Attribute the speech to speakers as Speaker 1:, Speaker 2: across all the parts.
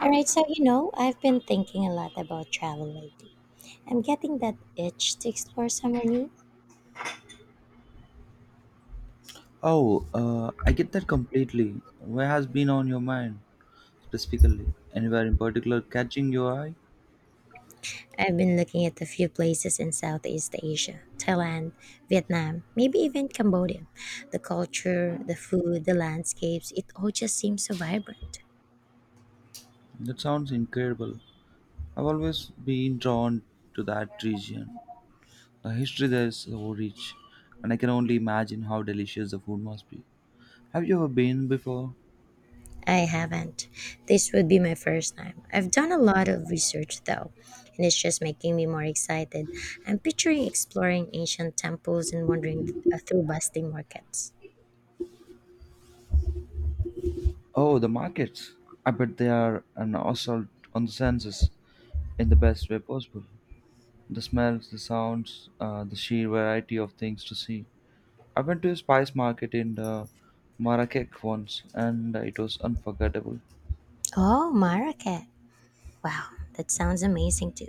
Speaker 1: All right, so you know, I've been thinking a lot about travel lately. I'm getting that itch to explore somewhere new.
Speaker 2: Oh, I get that completely. What has been on your mind specifically? Anywhere in particular catching your eye?
Speaker 1: I've been looking at a few places in Southeast Asia Thailand, Vietnam, maybe even Cambodia. The culture, the food, the landscapes, it all just seems so vibrant.
Speaker 2: That sounds incredible. I've always been drawn to that region. The history there is so rich, and I can only imagine how delicious the food must be. Have you ever been before?
Speaker 1: I haven't. This would be my first time. I've done a lot of research though, and it's just making me more excited. I'm picturing exploring ancient temples and wandering through bustling markets.
Speaker 2: Oh, the markets. I bet they are an assault on the senses in the best way possible. The smells, the sounds, the sheer variety of things to see. I went to a spice market in Marrakech once and it was unforgettable.
Speaker 1: Oh, Marrakech. Wow, that sounds amazing too.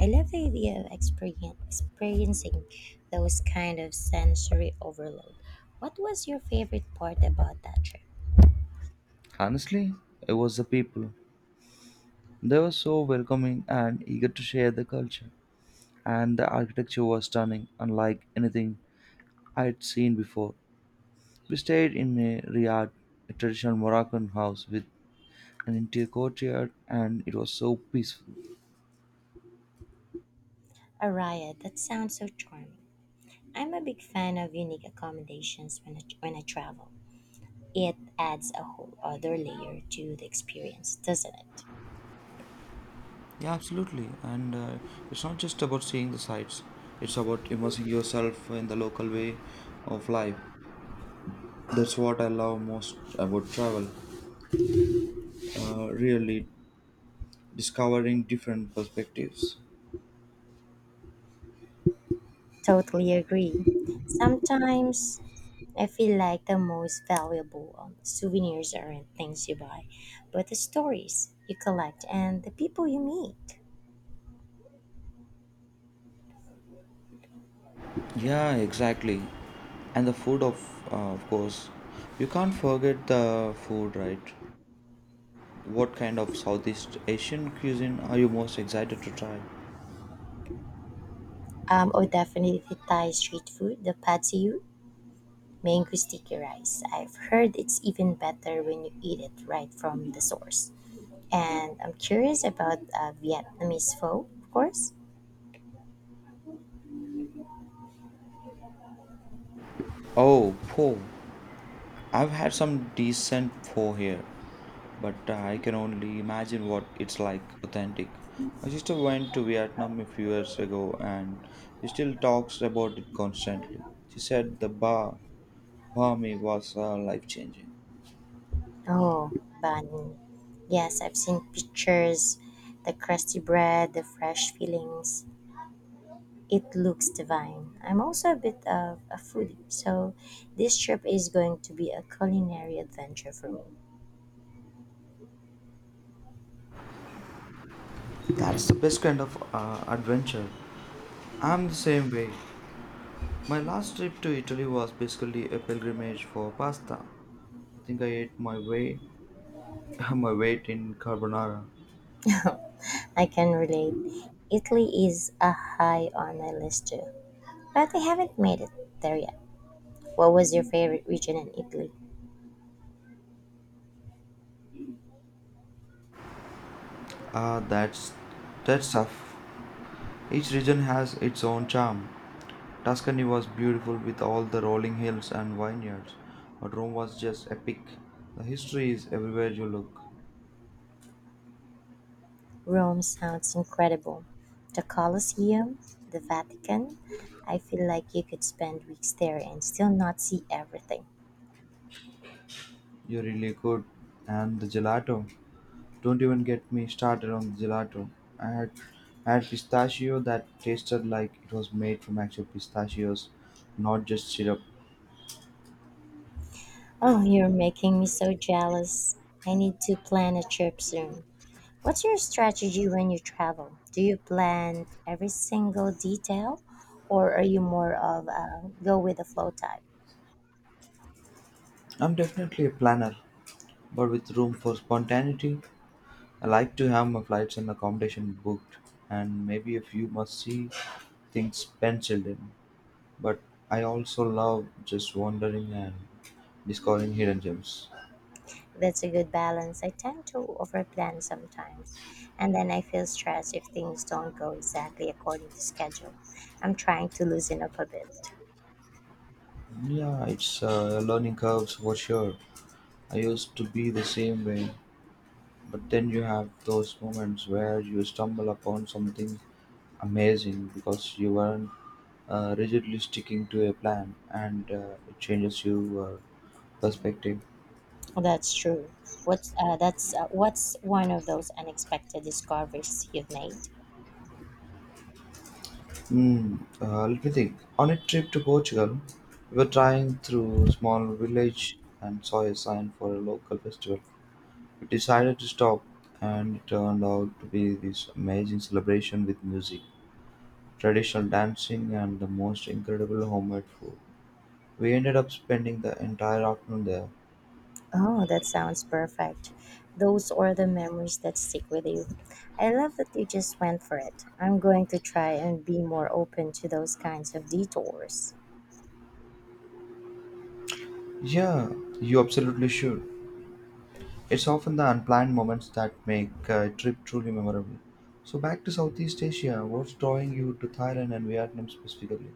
Speaker 1: I love the idea of experiencing those kind of sensory overload. What was your favorite part about that trip?
Speaker 2: Honestly, it was the people. They were so welcoming and eager to share the culture. And the architecture was stunning, unlike anything I had seen before. We stayed in a riad, a traditional Moroccan house with an interior courtyard, and it was so peaceful.
Speaker 1: Araya, that sounds so charming. I'm a big fan of unique accommodations when I travel. It adds a whole other layer to the experience, doesn't it?
Speaker 2: Yeah, absolutely. And it's not just about seeing the sights, it's about immersing yourself in the local way of life. That's what I love most about travel, really discovering different perspectives.
Speaker 1: Totally agree. Sometimes I feel like the most valuable souvenirs aren't things you buy, but the stories you collect and the people you meet.
Speaker 2: Yeah, exactly. And the food, of course, you can't forget the food, right? What kind of Southeast Asian cuisine are you most excited to try?
Speaker 1: Oh, definitely the Thai street food, the pad see ew, mango sticky rice. I've heard it's even better when you eat it right from the source. And I'm curious about Vietnamese pho, of course.
Speaker 2: Oh, pho. I've had some decent pho here, but I can only imagine what it's like authentic. My sister went to Vietnam a few years ago and she still talks about it constantly. She said the bar, bar me was life changing.
Speaker 1: Oh, bun. Yes, I've seen pictures, the crusty bread, the fresh fillings. It looks divine. I'm also a bit of a foodie, so this trip is going to be a culinary adventure for me.
Speaker 2: That's the best kind of adventure. I'm the same way. My last trip to Italy was basically a pilgrimage for pasta. I think I ate my way my weight in carbonara.
Speaker 1: I can relate. Italy is a high on my list too, but I haven't made it there yet. What was your favorite region in Italy?
Speaker 2: Ah, that's tough. Each region has its own charm. Tuscany was beautiful with all the rolling hills and vineyards, but Rome was just epic. The history is everywhere you look.
Speaker 1: Rome sounds incredible. The Colosseum, the Vatican. I feel like you could spend weeks there and still not see everything.
Speaker 2: You really could. And the gelato. Don't even get me started on the gelato. I had, I had pistachio that tasted like it was made from actual pistachios, not just syrup.
Speaker 1: Oh, you're making me so jealous. I need to plan a trip soon. What's your strategy when you travel? Do you plan every single detail, or are you more of a go with the flow type?
Speaker 2: I'm definitely a planner, but with room for spontaneity. I like to have my flights and accommodation booked, and maybe a few must see things penciled in. But I also love just wandering and discovering hidden gems.
Speaker 1: That's a good balance. I tend to overplan sometimes, and then I feel stressed if things don't go exactly according to schedule. I'm trying to loosen up a bit.
Speaker 2: Yeah, it's learning curves for sure. I used to be the same way, but then you have those moments where you stumble upon something amazing because you weren't rigidly sticking to a plan, and it changes your perspective.
Speaker 1: That's true. What's one of those unexpected discoveries you've made?
Speaker 2: Hmm, let me think. On a trip to Portugal, we were driving through a small village and saw a sign for a local festival. Decided to stop, and it turned out to be this amazing celebration with music, traditional dancing, and the most incredible homemade food. We ended up spending the entire afternoon there.
Speaker 1: Oh, that sounds perfect. Those are the memories that stick with you. I love that you just went for it. I'm going to try and be more open to those kinds of detours.
Speaker 2: Yeah, you absolutely should. It's often the unplanned moments that make a trip truly memorable. So, back to Southeast Asia, what's drawing you to Thailand and Vietnam specifically?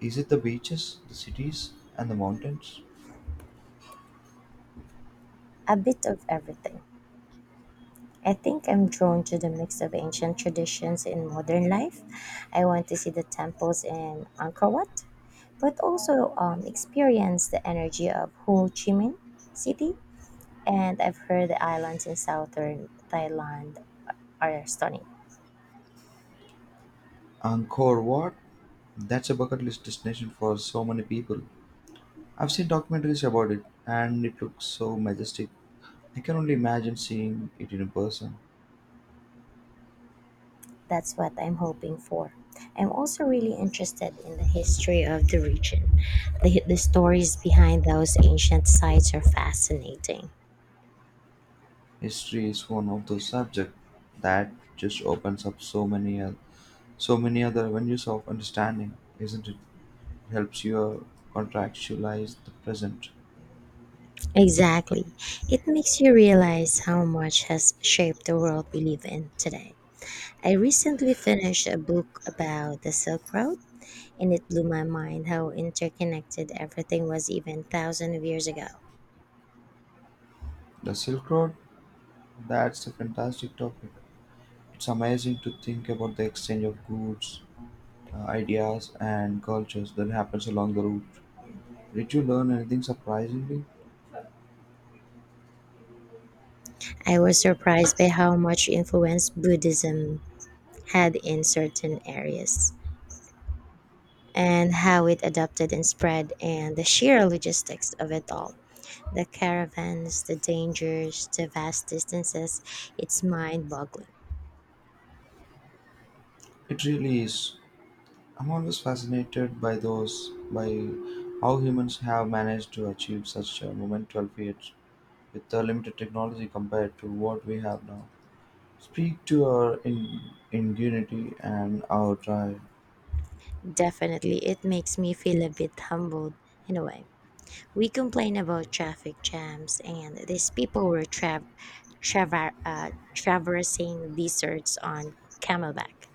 Speaker 2: Is it the beaches, the cities, and the mountains?
Speaker 1: A bit of everything. I think I'm drawn to the mix of ancient traditions in modern life. I want to see the temples in Angkor Wat, but also experience the energy of Ho Chi Minh City. And I've heard the islands in southern Thailand are stunning.
Speaker 2: Angkor Wat? That's a bucket list destination for so many people. I've seen documentaries about it and it looks so majestic. I can only imagine seeing it in person.
Speaker 1: That's what I'm hoping for. I'm also really interested in the history of the region. The stories behind those ancient sites are fascinating.
Speaker 2: History is one of those subjects that just opens up so many other avenues of understanding, isn't it? Helps you contextualize the present.
Speaker 1: Exactly. It makes you realize how much has shaped the world we live in today. I recently finished a book about the Silk Road, and it blew my mind how interconnected everything was even thousands of years ago.
Speaker 2: The Silk Road, that's a fantastic topic. It's amazing to think about the exchange of goods, ideas, and cultures that happens along the route. Did you learn anything surprisingly?
Speaker 1: I was surprised by how much influence Buddhism had in certain areas and how it adapted and spread, and the sheer logistics of it all. The caravans, the dangers, the vast distances, it's mind boggling.
Speaker 2: It really is. I'm always fascinated by how humans have managed to achieve such a monumental feat with the limited technology compared to what we have now. Speak to our ingenuity and our drive.
Speaker 1: Definitely, it makes me feel a bit humbled in a way. We complain about traffic jams, and these people were traversing deserts on camelback.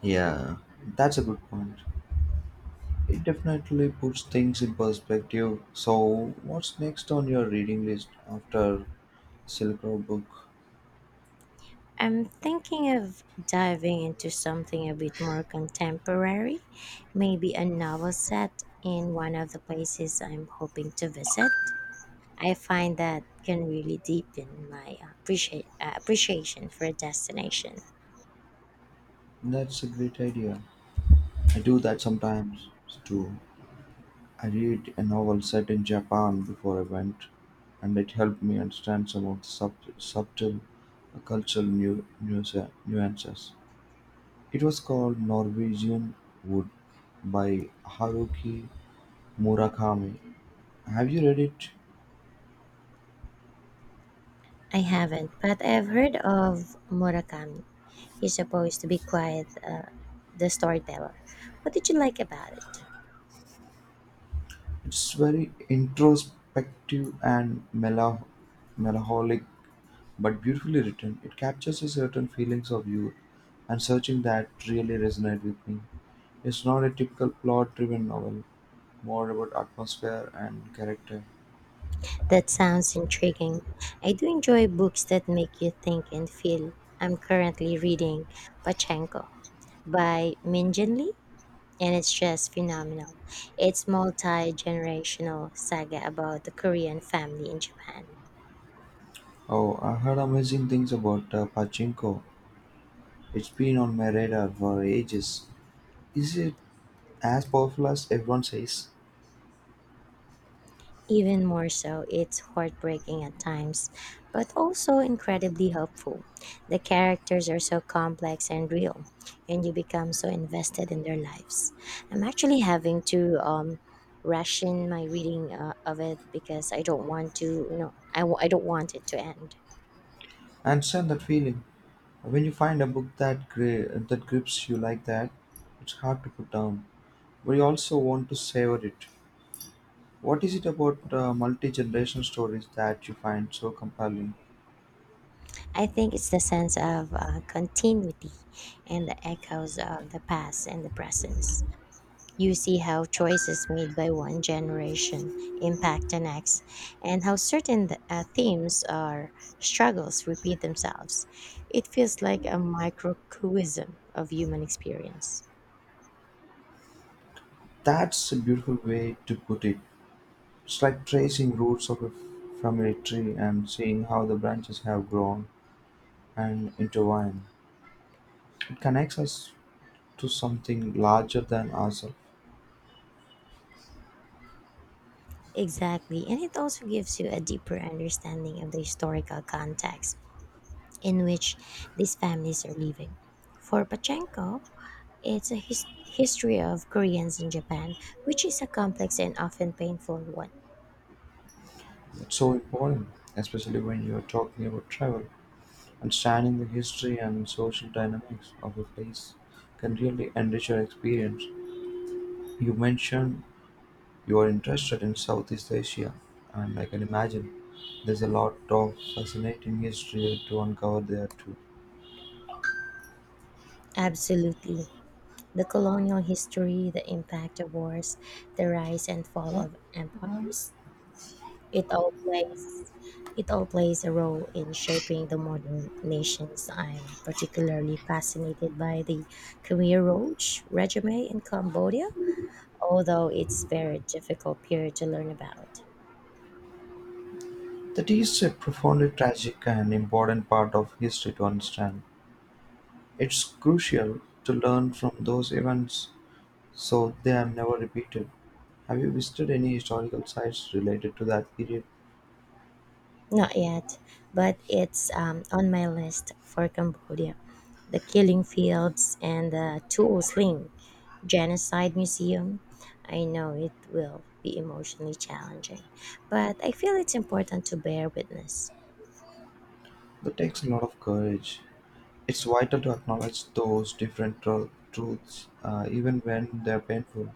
Speaker 2: Yeah, that's a good point. It definitely puts things in perspective. So, what's next on your reading list after Silk Road book?
Speaker 1: I'm thinking of diving into something a bit more contemporary, maybe a novel set in one of the places I'm hoping to visit. I find that can really deepen my appreciation for a destination.
Speaker 2: That's a great idea. I do that sometimes too. I read a novel set in Japan before I went, and it helped me understand some of the subtle cultural nuances. It was called "Norwegian Wood" by Haruki Murakami. Have you read it?
Speaker 1: I haven't, but I've heard of Murakami. He's supposed to be quite the storyteller. What did you like about it?
Speaker 2: It's very introspective and melancholic, but beautifully written. It captures a certain feelings of youth and searching that really resonate with me. It's not a typical plot-driven novel. More about atmosphere and character.
Speaker 1: That sounds intriguing. I do enjoy books that make you think and feel. I'm currently reading Pachenko by Minjin Lee, and it's just phenomenal. It's multi-generational saga about the Korean family in Japan.
Speaker 2: Oh, I heard amazing things about Pachinko. It's been on my radar for ages. Is it as powerful as everyone says?
Speaker 1: Even more so, it's heartbreaking at times, but also incredibly helpful. The characters are so complex and real, and you become so invested in their lives. I'm actually having to ration my reading of it because I I don't want it to end.
Speaker 2: I understand that feeling. When you find a book that that grips you like that, it's hard to put down. But you also want to savor it. What is it about multi-generational stories that you find so compelling?
Speaker 1: I think it's the sense of continuity and the echoes of the past and the present. You see how choices made by one generation impact the next, and how certain themes or struggles repeat themselves. It feels like a microcosm of human experience.
Speaker 2: That's a beautiful way to put it. It's like tracing from a tree and seeing how the branches have grown and intertwined. It connects us to something larger than ourselves.
Speaker 1: Exactly, and it also gives you a deeper understanding of the historical context in which these families are living. For Pachenko, it's a history of Koreans in Japan, which is a complex and often painful one.
Speaker 2: That's so important, especially when you're talking about travel. Understanding the history and social dynamics of a place can really enrich your experience. You mentioned you are interested in Southeast Asia, and I can imagine there's a lot of fascinating history to uncover there too.
Speaker 1: Absolutely. The colonial history, the impact of wars, the rise and fall of empires. It all plays it all plays a role in shaping the modern nations. I'm particularly fascinated by the Khmer Rouge regime in Cambodia, although it's very difficult period to learn about.
Speaker 2: That is a profoundly tragic and important part of history to understand. It's crucial to learn from those events so they are never repeated. Have you visited any historical sites related to that period?
Speaker 1: Not yet, but it's on my list for Cambodia. The Killing Fields and the Tu Sling Genocide Museum. I know it will be emotionally challenging, but I feel it's important to bear witness.
Speaker 2: That takes a lot of courage. It's vital to acknowledge those different truths, even when they're painful.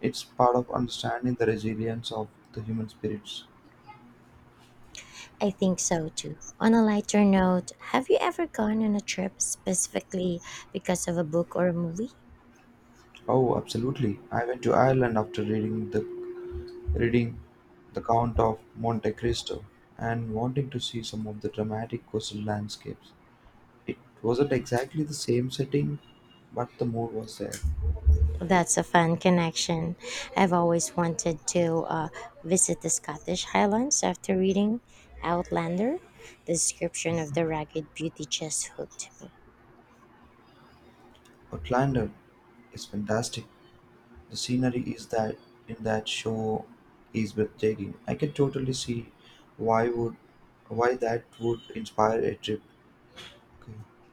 Speaker 2: It's part of understanding the resilience of the human spirits.
Speaker 1: I think so too. On a lighter note, have you ever gone on a trip specifically because of a book or a movie?
Speaker 2: Oh, absolutely. I went to Ireland after reading "The Count of Monte Cristo" and wanting to see some of the dramatic coastal landscapes. It wasn't exactly the same setting, but the mood was there.
Speaker 1: That's a fun connection. I've always wanted to visit the Scottish Highlands after reading Outlander. The description of the rugged beauty just hooked me.
Speaker 2: Outlander is fantastic. The scenery is that show is breathtaking. I can totally see why would why that would inspire a trip. Okay.